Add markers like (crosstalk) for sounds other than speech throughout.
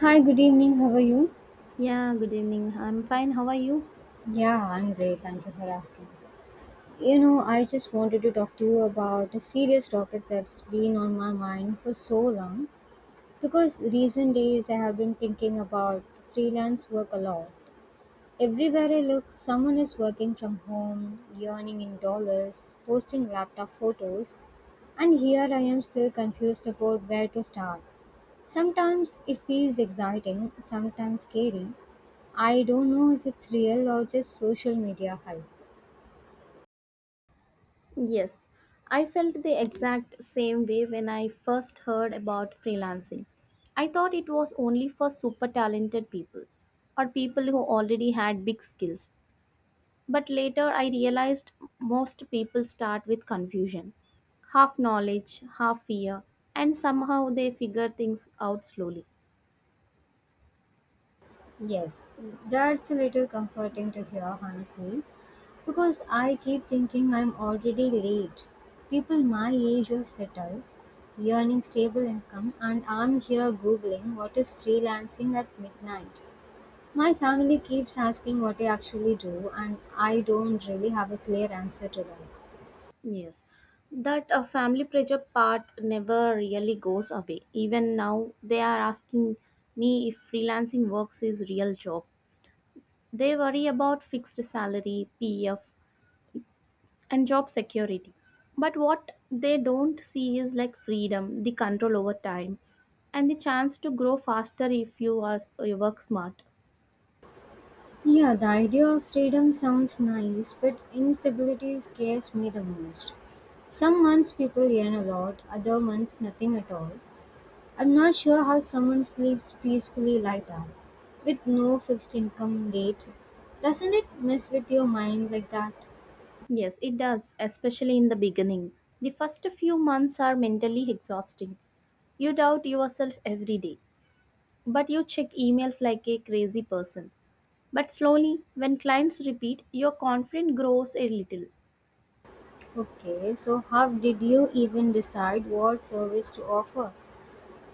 Hi, good evening. How are you? Yeah, good evening. I'm fine. How are you? Yeah, I'm great. Thank you for asking. You know, I just wanted to talk to you about a serious topic that's been on my mind for so long because recent days I have been thinking about freelance work a lot. Everywhere I look, someone is working from home, earning in dollars, posting laptop photos, and here I am still confused about where to start. Sometimes it feels exciting, sometimes scary. I don't know if it's real or just social media hype. Yes, I felt the exact same way when I first heard about freelancing. I thought it was only for super talented people or people who already had big skills. But later I realized most people start with confusion, half knowledge, half fear, and somehow they figure things out slowly. Yes, that's a little comforting to hear, honestly, because I keep thinking I'm already late. People my age are settled, earning stable income, and I'm here googling what is freelancing at midnight. My family keeps asking what I actually do, and I don't really have a clear answer to them. Yes, that a family pressure part never really goes away. Even now, they are asking me if freelancing works is real job. They worry about fixed salary, PF, and job security. But what they don't see is like freedom, the control over time, and the chance to grow faster if you work smart. Yeah, the idea of freedom sounds nice, but instability scares me the most. Some months people earn a lot, other months nothing at all. I'm not sure how someone sleeps peacefully like that, with no fixed income date. Doesn't it mess with your mind like that? Yes, it does, especially in the beginning. The first few months are mentally exhausting. You doubt yourself every day but you check emails like a crazy person. But slowly, when clients repeat, your confidence grows a little. Okay, so how did you even decide what service to offer?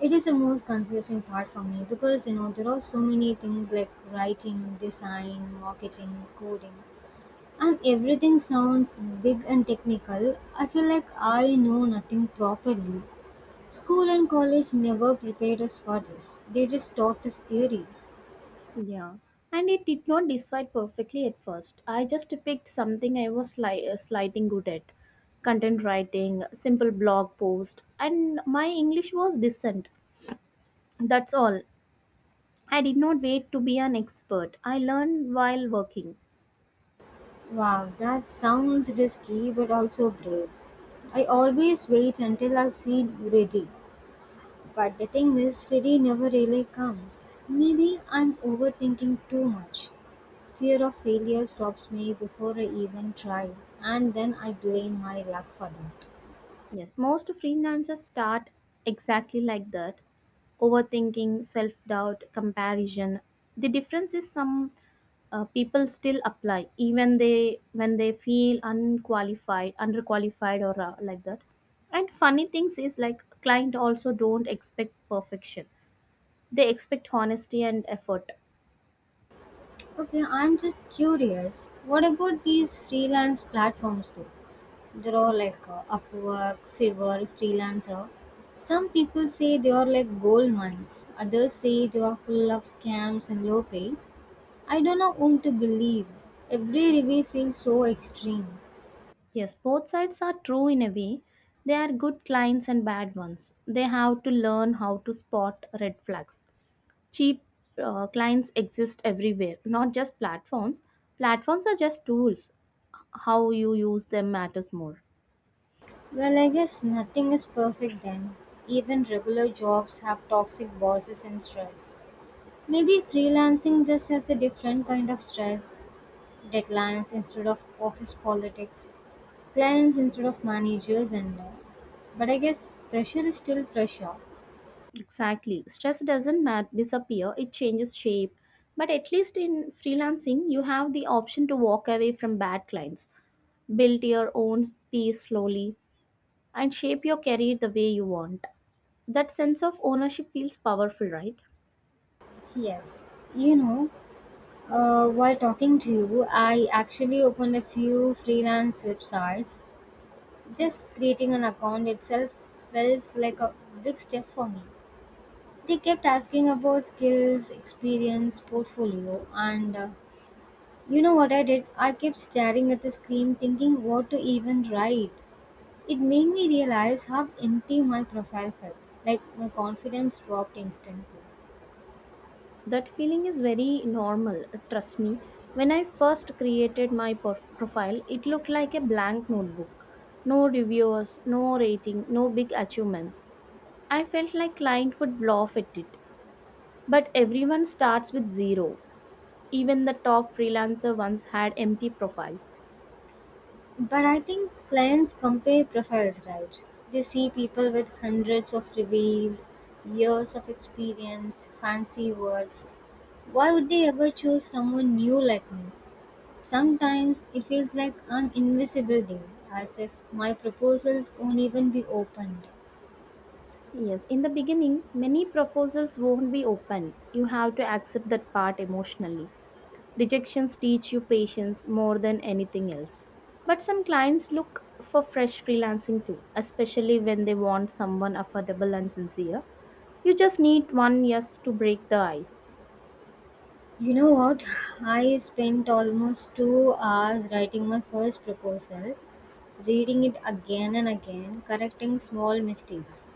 It is the most confusing part for me because you know there are so many things like writing, design, marketing, coding, and everything sounds big and technical. I feel like I know nothing properly. School and college never prepared us for this, they just taught us theory. Yeah. And it did not decide perfectly at first. I just picked something I was slighting good at content writing, simple blog post, and my English was decent. That's all. I did not wait to be an expert. I learned while working. Wow, that sounds risky but also brave. I always wait until I feel ready. But the thing is, ready never really comes. Maybe I'm overthinking too much. Fear of failure stops me before I even try, and then I blame my luck for that. Yes, most freelancers start exactly like that overthinking, self doubt, comparison. The difference is some people still apply even they when they feel unqualified, underqualified, or like that. And funny things is like client also don't expect perfection. They expect honesty and effort. Okay, I'm just curious. What about these freelance platforms though? There are like Upwork, Fiverr, Freelancer. Some people say they are like gold mines. Others say they are full of scams and low pay. I don't know whom to believe. Every review feels so extreme. Yes, both sides are true in a way. They are good clients and bad ones. They have to learn how to spot red flags cheap clients exist everywhere, not just platforms. Platforms are just tools. How you use them matters more. Well, I guess nothing is perfect then. Even regular jobs have toxic bosses and stress. Maybe freelancing just has a different kind of stress, declines instead of office politics, clients instead of managers, and all. But I guess pressure is still pressure. Exactly, stress doesn't disappear, it changes shape. But at least in freelancing you have the option to walk away from bad clients, build your own pace slowly, and shape your career the way you want. That sense of ownership feels powerful, right? Yes. You know, while talking to you, I actually opened a few freelance websites. Just creating an account itself felt like a big step for me. They kept asking about skills, experience, portfolio, and you know what I did? I kept staring at the screen thinking what to even write. It made me realize how empty my profile felt, like my confidence dropped instantly. That feeling is very normal, trust me. When I first created my profile, it looked like a blank notebook. No reviewers, no rating, no big achievements. I felt like client would laugh at it. But everyone starts with zero. Even the top freelancer once had empty profiles. But I think clients compare profiles, right? They see people with hundreds of reviews, years of experience, fancy words. Why would they ever choose someone new like me? Sometimes it feels like an invisible deal, as if my proposals won't even be opened. Yes, in the beginning, many proposals won't be opened. You have to accept that part emotionally. Rejections teach you patience more than anything else. But some clients look for fresh freelancing too, especially when they want someone affordable and sincere. You just need one yes to break the ice. You know what? (laughs) (sighs) I spent almost 2 hours writing my first proposal, reading it again and again, correcting small mistakes.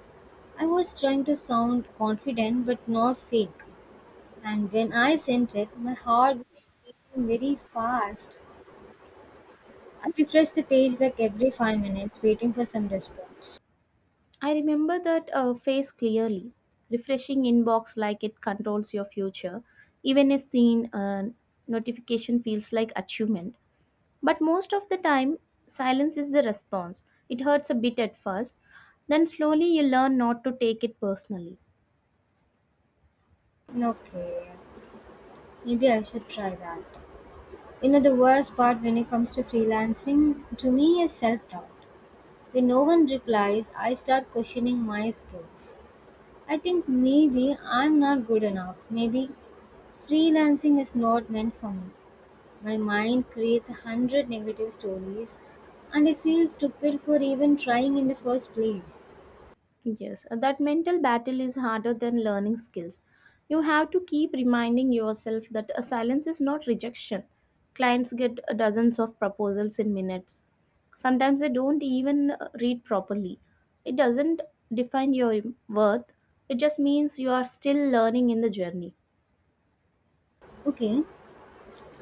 I was trying to sound confident but not fake. And when I sent it, my heart was beating very fast. I refreshed the page like every 5 minutes, waiting for some response. I remember that face clearly. Refreshing inbox like it controls your future. Even a seen notification feels like achievement. But most of the time, silence is the response. It hurts a bit at first, then slowly you learn not to take it personally. Okay, maybe I should try that. You know, the worst part when it comes to freelancing to me is self doubt. When no one replies, I start questioning my skills. I think maybe I'm not good enough. Maybe freelancing is not meant for me. My mind creates 100 negative stories and I feel stupid for even trying in the first place. Yes, that mental battle is harder than learning skills. You have to keep reminding yourself that a silence is not rejection. Clients get dozens of proposals in minutes. Sometimes they don't even read properly. It doesn't define your worth, it just means you are still learning in the journey. Okay,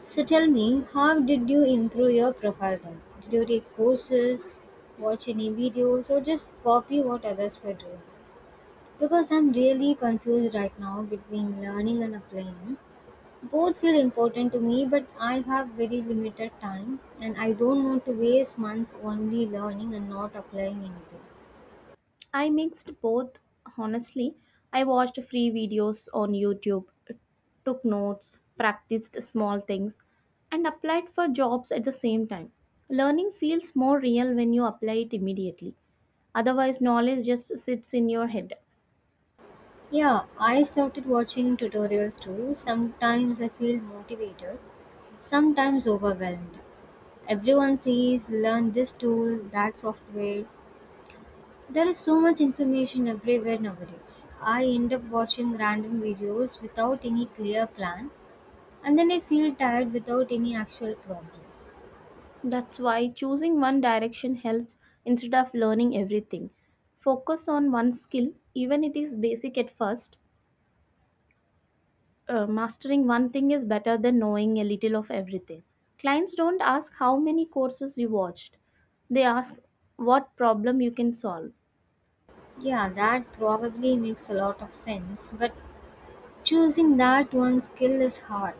so tell me, how did you improve your profile then? Did you take courses, watch any videos, or just copy what others were doing? Because I'm really confused right now between learning and applying. Both feel important to me, but I have very limited time and I don't want to waste months only learning and not applying anything. I mixed both, honestly. I watched free videos on YouTube, took notes, practiced small things, and applied for jobs at the same time. Learning feels more real when you apply it immediately. Otherwise, knowledge just sits in your head. Yeah, I started watching tutorials too. Sometimes I feel motivated, sometimes overwhelmed. Everyone says learn this tool, that software. There is so much information everywhere nowadays. I end up watching random videos without any clear plan and then I feel tired without any actual progress. That's why choosing one direction helps instead of learning everything. Focus on one skill, even it is basic at first, mastering one thing is better than knowing a little of everything. Clients don't ask how many courses you watched, they ask what problem you can solve. Yeah, that probably makes a lot of sense, but choosing that one skill is hard.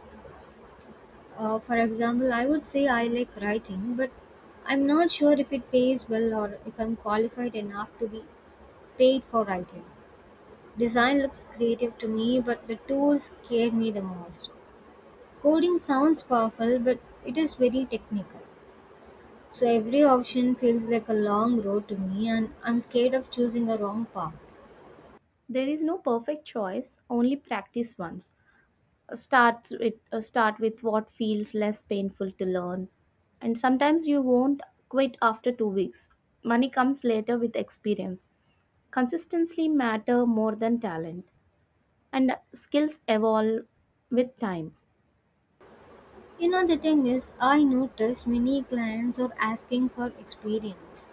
For example, I would say I like writing, but I'm not sure if it pays well or if I'm qualified enough to be paid for writing. Design looks creative to me, but the tools scare me the most. Coding sounds powerful, but it is very technical. So every option feels like a long road to me, and I'm scared of choosing a wrong path. There is no perfect choice, only practice once. Start with what feels less painful to learn, and sometimes you won't quit after two weeks. Money comes later with experience. Consistency matter more than talent, and skills evolve with time. You know, the thing is, I noticed many clients are asking for experience.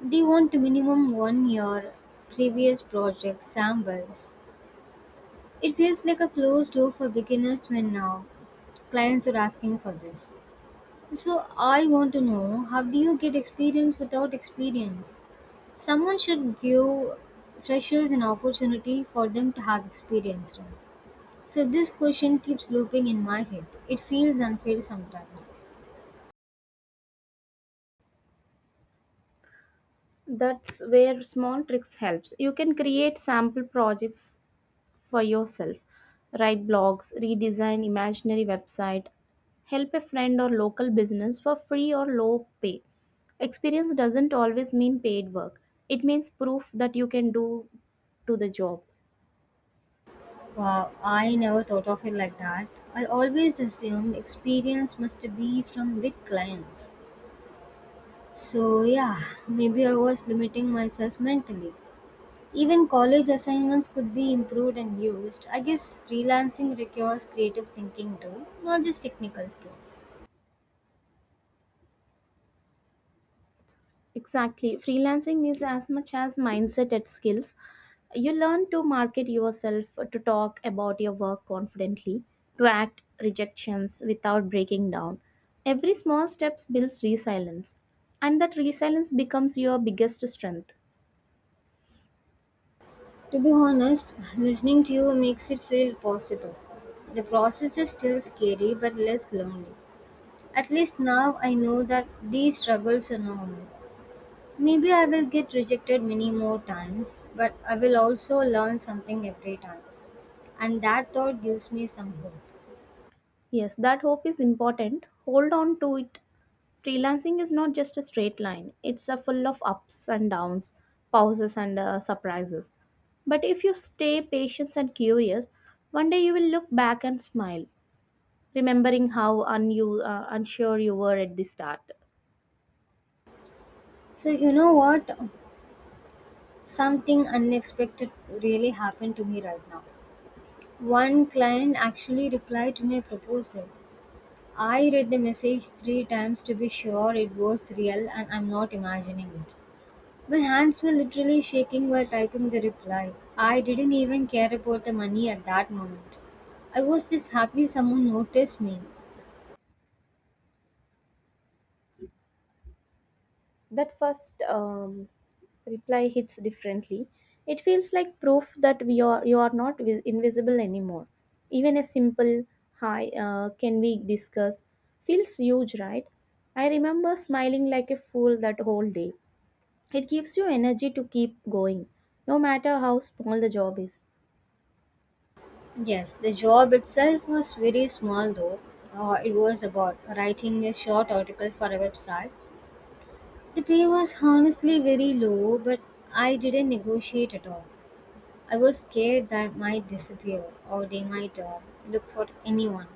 They want minimum 1 year previous project samples. It feels like a closed door for beginners when now clients are asking for this. So I want to know, how do you get experience without experience? Someone should give freshers an opportunity for them to have experience. Right? So this question keeps looping in my head. It feels unfair sometimes. That's where small tricks helps. You can create sample projects for yourself, write blogs, redesign imaginary website, help a friend or local business for free or low pay. Experience doesn't always mean paid work, it means proof that you can do to the job. Wow, I never thought of it like that. I always assumed experience must be from big clients. So, yeah, maybe I was limiting myself mentally. Even college assignments could be improved and used. I guess freelancing requires creative thinking too, not just technical skills. Exactly. Freelancing is as much as mindset as skills. You learn to market yourself, to talk about your work confidently, to act rejections without breaking down. Every small steps builds resilience, and that resilience becomes your biggest strength. To be honest, listening to you makes it feel possible. The process is still scary but less lonely. At least now I know that these struggles are normal. Maybe I will get rejected many more times, but I will also learn something every time. And that thought gives me some hope. Yes, that hope is important. Hold on to it. Freelancing is not just a straight line, it's a full of ups and downs, pauses, and surprises. But if you stay patient and curious, one day you will look back and smile, remembering how unsure you were at the start. So, you know what? Something unexpected really happened to me right now. One client actually replied to my proposal. I read the message 3 times to be sure it was real and I'm not imagining it. My hands were literally shaking while typing the reply. I didn't even care about the money at that moment. I was just happy someone noticed me. That first reply hits differently, it feels like proof that we are you are not invisible anymore. Even a simple "Hi, can we discuss?" feels huge, right? I remember smiling like a fool that whole day. It gives you energy to keep going, no matter how small the job is. Yes, the job itself was very small though. It was about writing a short article for a website. The pay was honestly very low, but I didn't negotiate at all. I was scared that I might disappear or they might look for anyone.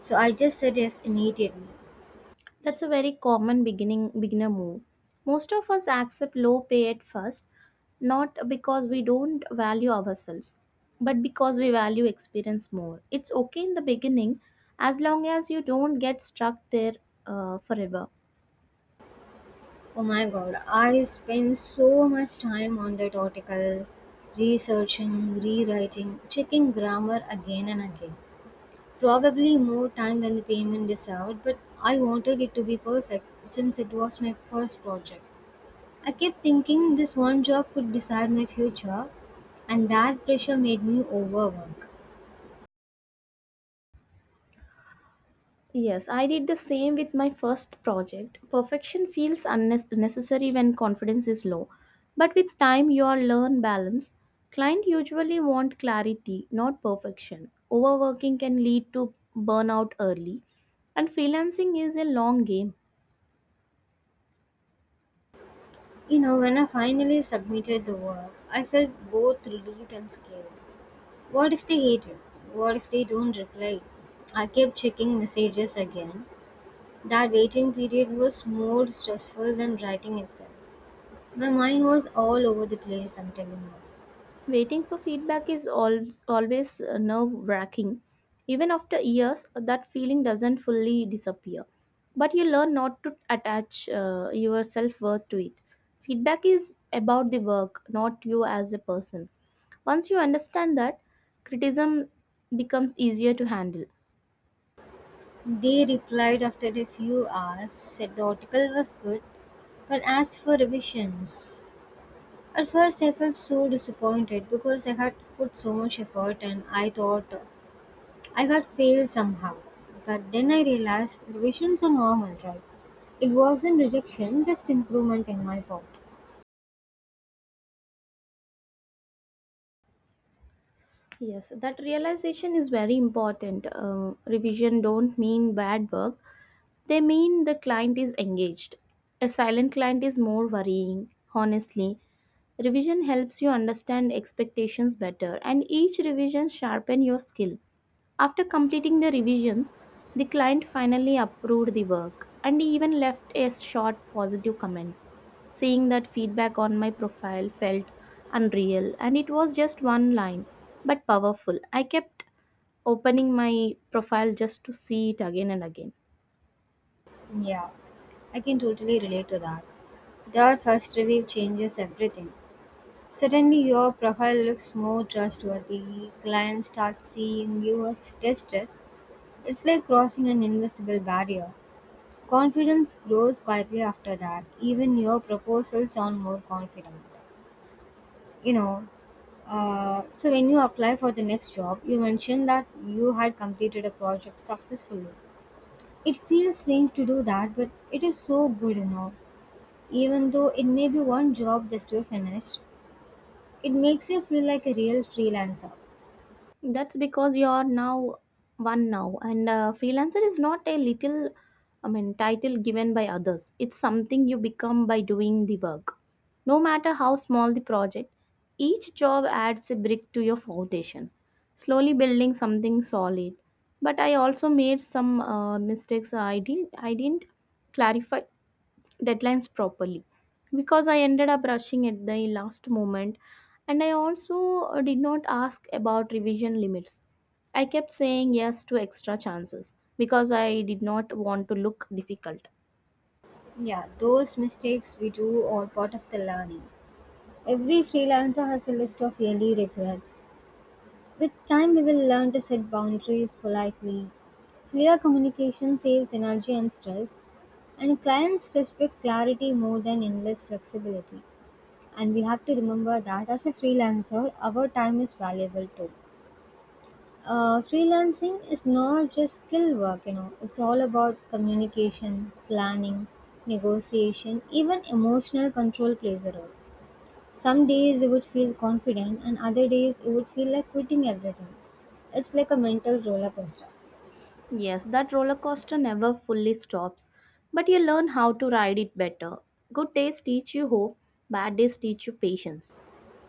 So I just said yes immediately. That's a very common beginning beginner move. Most of us accept low pay at first, not because we don't value ourselves, but because we value experience more. It's okay in the beginning as long as you don't get stuck there forever. Oh my god, I spend so much time on that article, researching, rewriting, checking grammar again and again. Probably more time than the payment deserved, but I wanted it to be perfect since it was my first project. I kept thinking this one job could decide my future, and that pressure made me overwork. Yes, I did the same with my first project. Perfection feels unnecessary when confidence is low. But with time, you all learn balance. Client usually want clarity, not perfection. Overworking can lead to burnout early, and freelancing is a long game. You know, when I finally submitted the work, I felt both relieved and scared. What if they hate you? What if they don't reply? I kept checking messages again. That waiting period was more stressful than writing itself. My mind was all over the place, I'm telling Waiting for feedback is always, always nerve wracking. Even after years, that feeling doesn't fully disappear. But you learn not to attach your self worth to it. Feedback is about the work, not you as a person. Once you understand that, criticism becomes easier to handle. you. They replied after a few hours, said the article was good, but asked for revisions. At first, I felt so disappointed because I had put so much effort and I thought I got failed somehow. But then I realized revisions are normal, right? It wasn't rejection, just improvement in my part. Yes, that realization is very important. Revision don't mean bad work. They mean the client is engaged. A silent client is more worrying, honestly. Revision helps you understand expectations better, and each revision sharpen your skill. After completing the revisions, the client finally approved the work and even left a short positive comment. Seeing that feedback on my profile felt unreal, and it was just one line, but powerful. I kept opening my profile just to see it again and again. Yeah, I can totally relate to that. That first review changes everything. Suddenly, your profile looks more trustworthy, clients start seeing you as tested. It's like crossing an invisible barrier. Confidence grows quietly after that. Even your proposals sound more confident. You know, so when you apply for the next job, you mentioned that you had completed a project successfully. It feels strange to do that, but it is so good, you know, even though it may be one job that you finished, it makes you feel like a real freelancer. That's because you are now one now, and freelancer is not a little, I mean, title given by others. It's something you become by doing the work. No matter how small the project, each job adds a brick to your foundation, slowly building something solid. But I also made some mistakes. I didn't clarify deadlines properly because I ended up rushing at the last moment, and I also did not ask about revision limits. I kept saying yes to extra chances because I did not want to look difficult. Yeah, those mistakes we do are part of the learning. Every freelancer has a list of yearly regrets. With time we will learn to set boundaries politely. Clear communication saves energy and stress, and clients respect clarity more than endless flexibility. And we have to remember that as a freelancer, our time is valuable too. Freelancing is not just skill work, you know, it's all about communication, planning, negotiation, even emotional control plays a role. Some days you would feel confident, and other days you would feel like quitting everything. It's like a mental roller coaster. Yes, that roller coaster never fully stops, but you learn how to ride it better. Good days teach you hope, bad days teach you patience.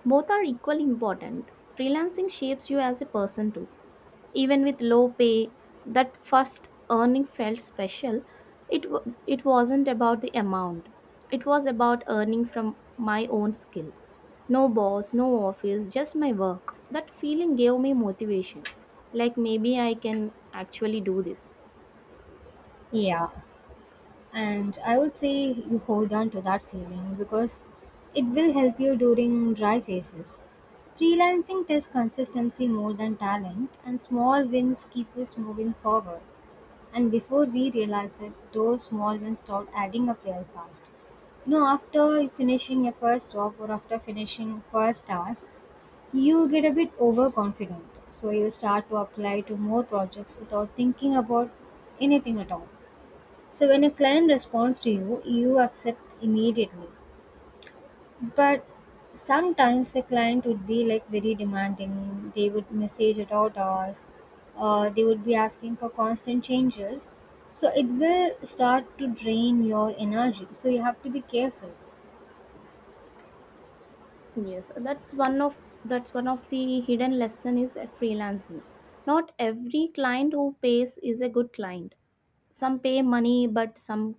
Both are equally important. Freelancing shapes you as a person too. Even with low pay, that first earning felt special. It wasn't about the amount, it was about earning from my own skill. No boss, no office, just my work. That feeling gave me motivation. Like maybe I can actually do this. Yeah, and I would say you hold on to that feeling because it will help you during dry phases. Freelancing tests consistency more than talent, and small wins keep us moving forward. And before we realize it, those small wins start adding up real fast. You know, after finishing your first job or after finishing first task, you get a bit overconfident. So you start to apply to more projects without thinking about anything at all. So when a client responds to you, you accept immediately. But sometimes the client would be like very demanding. They would message at odd hours. They would be asking for constant changes. So it will start to drain your energy. So you have to be careful. Yes, that's one of the hidden lesson is freelancing. Not every client who pays is a good client. Some pay money, but some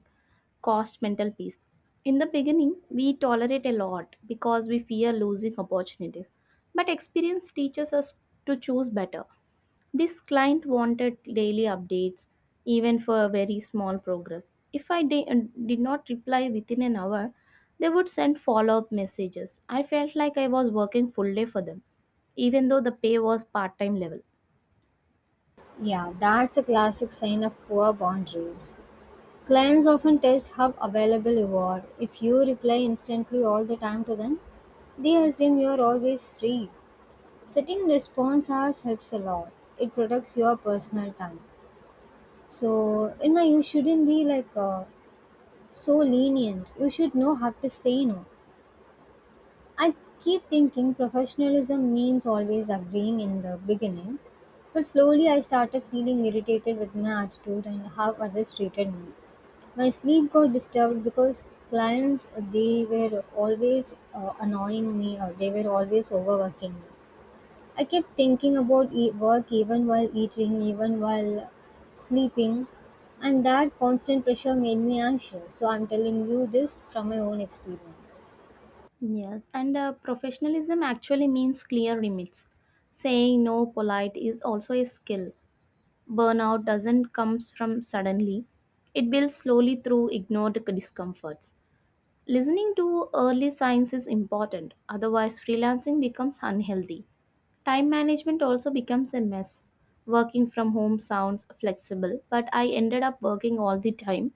cost mental peace. In the beginning, we tolerate a lot because we fear losing opportunities. But experience teaches us to choose better. This client wanted daily updates, even for a very small progress. If I did not reply within an hour, they would send follow up messages. I felt like I was working full day for them, even though the pay was part time level. Yeah, that's a classic sign of poor boundaries. Clients often test how available you are. If you reply instantly all the time to them, they assume you're always free. Setting response hours helps a lot. It protects your personal time. So, you know, you shouldn't be like so lenient. You should know how to say no. I keep thinking professionalism means always agreeing in the beginning, but slowly I started feeling irritated with my attitude and how others treated me. My sleep got disturbed because clients they were always annoying me or they were always overworking me. I kept thinking about work even while eating, even while sleeping, and that constant pressure made me anxious. So I'm telling you this from my own experience. Yes, and professionalism actually means clear limits. Saying no polite is also a skill. Burnout doesn't come from suddenly. It builds slowly through ignored discomforts. Listening to early signs is important, otherwise freelancing becomes unhealthy. Time management also becomes a mess. Working from home sounds flexible, but I ended up working all the time,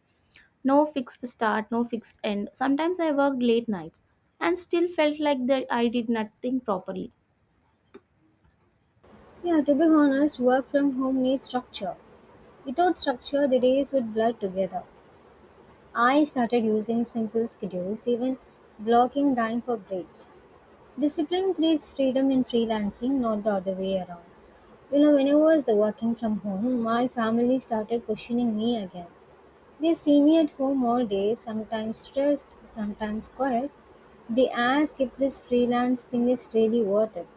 no fixed start, no fixed end. Sometimes I worked late nights and still felt like that I did nothing properly. Yeah, to be honest, work from home needs structure. Without structure, the days would blur together. I started using simple schedules, even blocking time for breaks. Discipline creates freedom in freelancing, not the other way around. You know, when I was working from home, my family started questioning me again. They see me at home all day, sometimes stressed, sometimes quiet. They ask if this freelance thing is really worth it.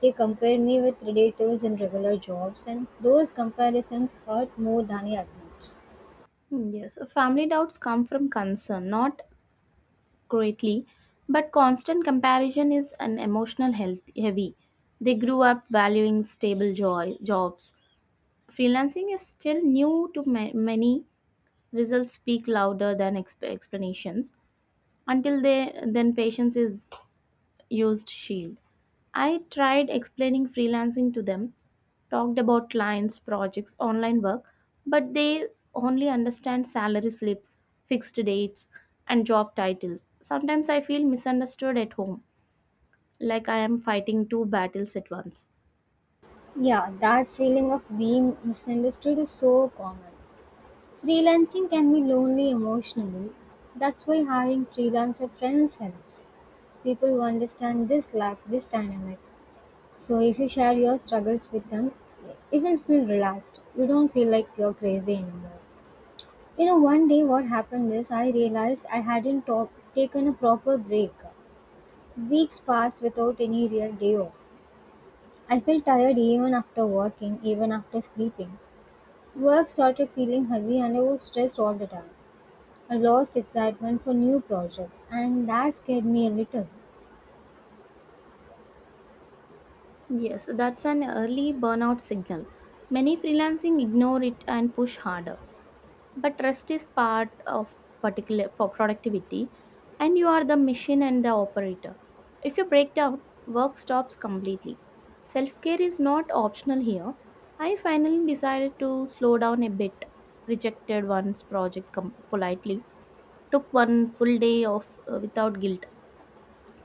They compare me with relatives in regular jobs, and those comparisons hurt more than I admit. Yes, family doubts come from concern, not greatly, but constant comparison is an emotional health heavy. They grew up valuing stable joy, jobs. Freelancing is still new to many. Results speak louder than explanations. Until they, then patience is used shield. I tried explaining freelancing to them, talked about clients, projects, online work, but they only understand salary slips, fixed dates, and job titles. Sometimes I feel misunderstood at home, like I am fighting two battles at once. Yeah, that feeling of being misunderstood is so common. Freelancing can be lonely emotionally. That's why hiring freelancer friends helps. People who understand this lack, this dynamic, so if you share your struggles with them, you will feel relaxed. You don't feel like you're crazy anymore. You know, one day what happened is I realized I hadn't taken a proper break. Weeks passed without any real day off. I felt tired even after working, even after sleeping. Work started feeling heavy and I was stressed all the time. I lost excitement for new projects and that scared me a little. Yes, that's an early burnout signal. Many freelancing ignore it and push harder. But rest is part of particular for productivity, and you are the machine and the operator. If you break down, work stops completely. Self-care is not optional here. I finally decided to slow down a bit, rejected one's project politely, took one full day off, without guilt,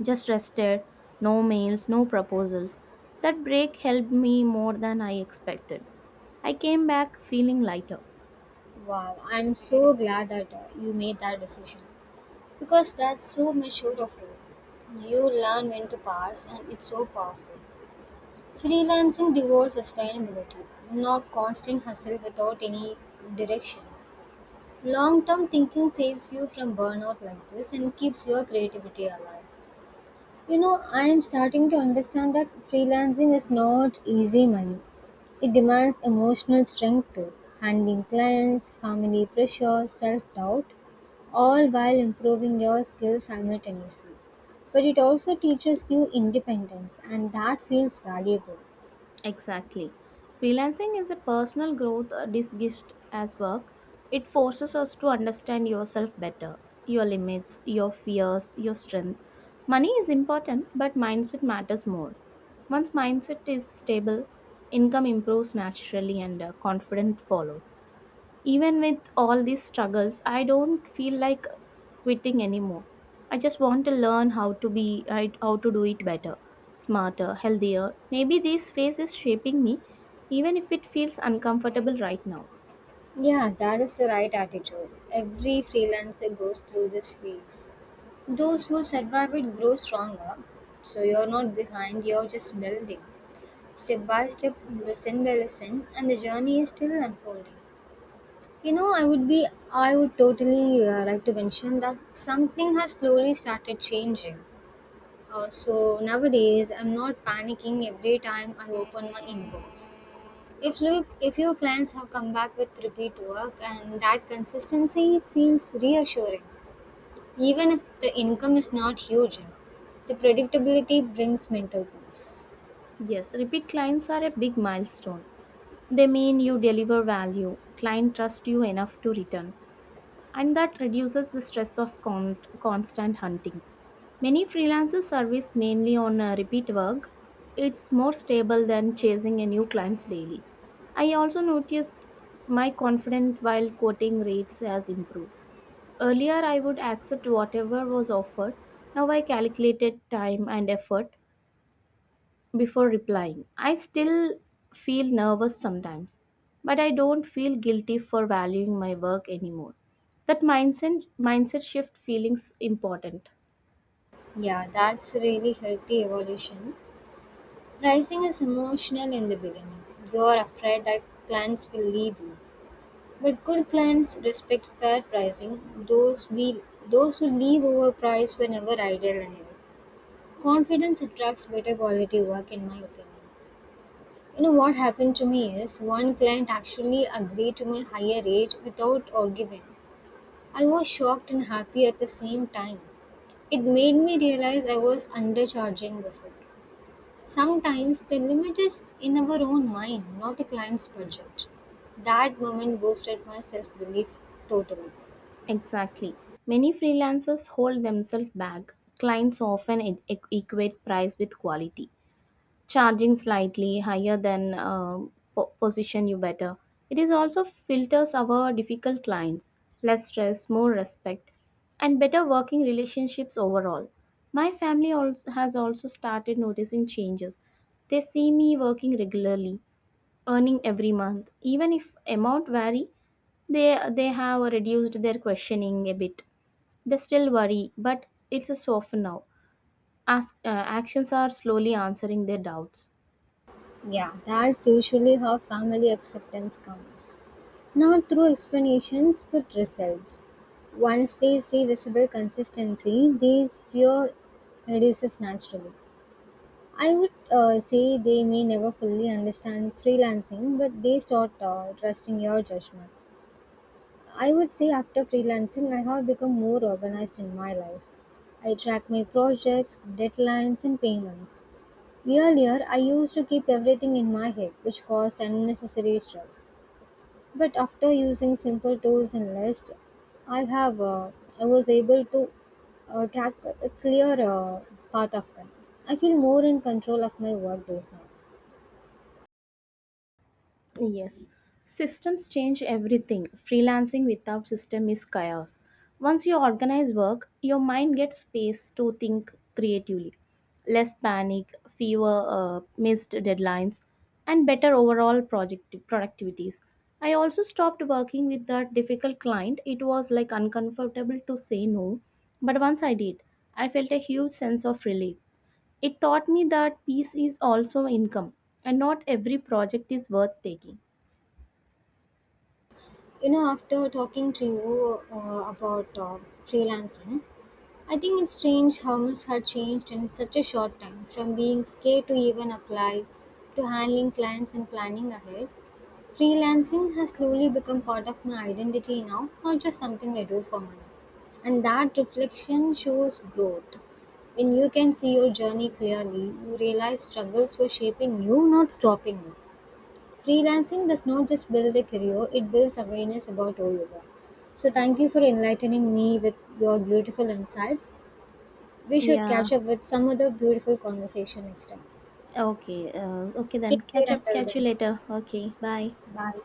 just rested. No mails, no proposals. That break helped me more than I expected. I came back feeling lighter. Wow, I'm so glad that you made that decision. Because that's so mature of you. You learn when to pass, and it's so powerful. Freelancing devolves sustainability, not constant hustle without any direction. Long term thinking saves you from burnout like this and keeps your creativity alive. You know, I am starting to understand that freelancing is not easy money. It demands emotional strength too, handling clients, family pressure, self doubt, all while improving your skills simultaneously. But it also teaches you independence, and that feels valuable. Exactly. Freelancing is a personal growth disguised as work. It forces us to understand yourself better, your limits, your fears, your strength. Money is important, but mindset matters more. Once mindset is stable, income improves naturally and confidence follows. Even with all these struggles, I don't feel like quitting anymore. I just want to learn how to do it better, smarter, healthier. Maybe this phase is shaping me even if it feels uncomfortable right now. Yeah, that is the right attitude. Every freelancer goes through this phase. Those who survive it grow stronger, so you're not behind, you're just building. Step by step, listen by listen, and the journey is still unfolding. You know, I would totally like to mention that something has slowly started changing. So nowadays I'm not panicking every time I open my inbox. If your clients have come back with repeat work and that consistency feels reassuring. Even if the income is not huge, the predictability brings mental peace. Yes, repeat clients are a big milestone. They mean you deliver value, client trust you enough to return, and that reduces the stress of constant hunting. Many freelancers service mainly on repeat work. It's more stable than chasing a new clients daily. I also noticed my confidence while quoting rates has improved. Earlier, I would accept whatever was offered. Now I calculated time and effort before replying. I still feel nervous sometimes, but I don't feel guilty for valuing my work anymore. That mindset shift feelings important. Yeah, that's a really healthy evolution. Pricing is emotional in the beginning. You're afraid that clients will leave you. But good clients respect fair pricing. Those who leave overpriced were never ideal anyway. Confidence attracts better quality work in my opinion. You know what happened to me is one client actually agreed to my higher rate without arguing. I was shocked and happy at the same time. It made me realize I was undercharging before. Sometimes the limit is in our own mind, not the client's budget. That moment boosted my self belief totally. Exactly. Many freelancers hold themselves back. Clients often equate price with quality, charging slightly higher than position you better. It is also filters our difficult clients, less stress, more respect, and better working relationships overall. My family also has also started noticing changes. They see me working regularly, earning every month, even if amount vary. They have reduced their questioning a bit. They still worry, but it's a soften now. Ask, actions are slowly answering their doubts. Yeah, that's usually how family acceptance comes. Not through explanations but results. Once they see visible consistency, this fear reduces naturally. I would say they may never fully understand freelancing, but they start trusting your judgment. I would say after freelancing, I have become more organized in my life. I track my projects, deadlines, and payments. Earlier, I used to keep everything in my head, which caused unnecessary stress. But after using simple tools and lists, I have I was able to track a clear path of them. I feel more in control of my work days now. Yes, systems change everything. Freelancing without system is chaos. Once you organize work, your mind gets space to think creatively. Less panic, fewer missed deadlines, and better overall project productivities. I also stopped working with that difficult client. It was like uncomfortable to say no, but once I did, I felt a huge sense of relief. It taught me that peace is also income, and not every project is worth taking. You know, after talking to you about freelancing, I think it's strange how much had changed in such a short time, from being scared to even apply, to handling clients and planning ahead. Freelancing has slowly become part of my identity now, not just something I do for money. And that reflection shows growth. When you can see your journey clearly, you realize struggles were shaping you, not stopping you. Freelancing does not just build a career, it builds awareness about who you are. So, thank you for enlightening me with your beautiful insights. We should Yeah. catch up with some other beautiful conversation next time. Okay. Okay Take then. care Catch up. until Catch you then. later. Okay. Bye. Bye.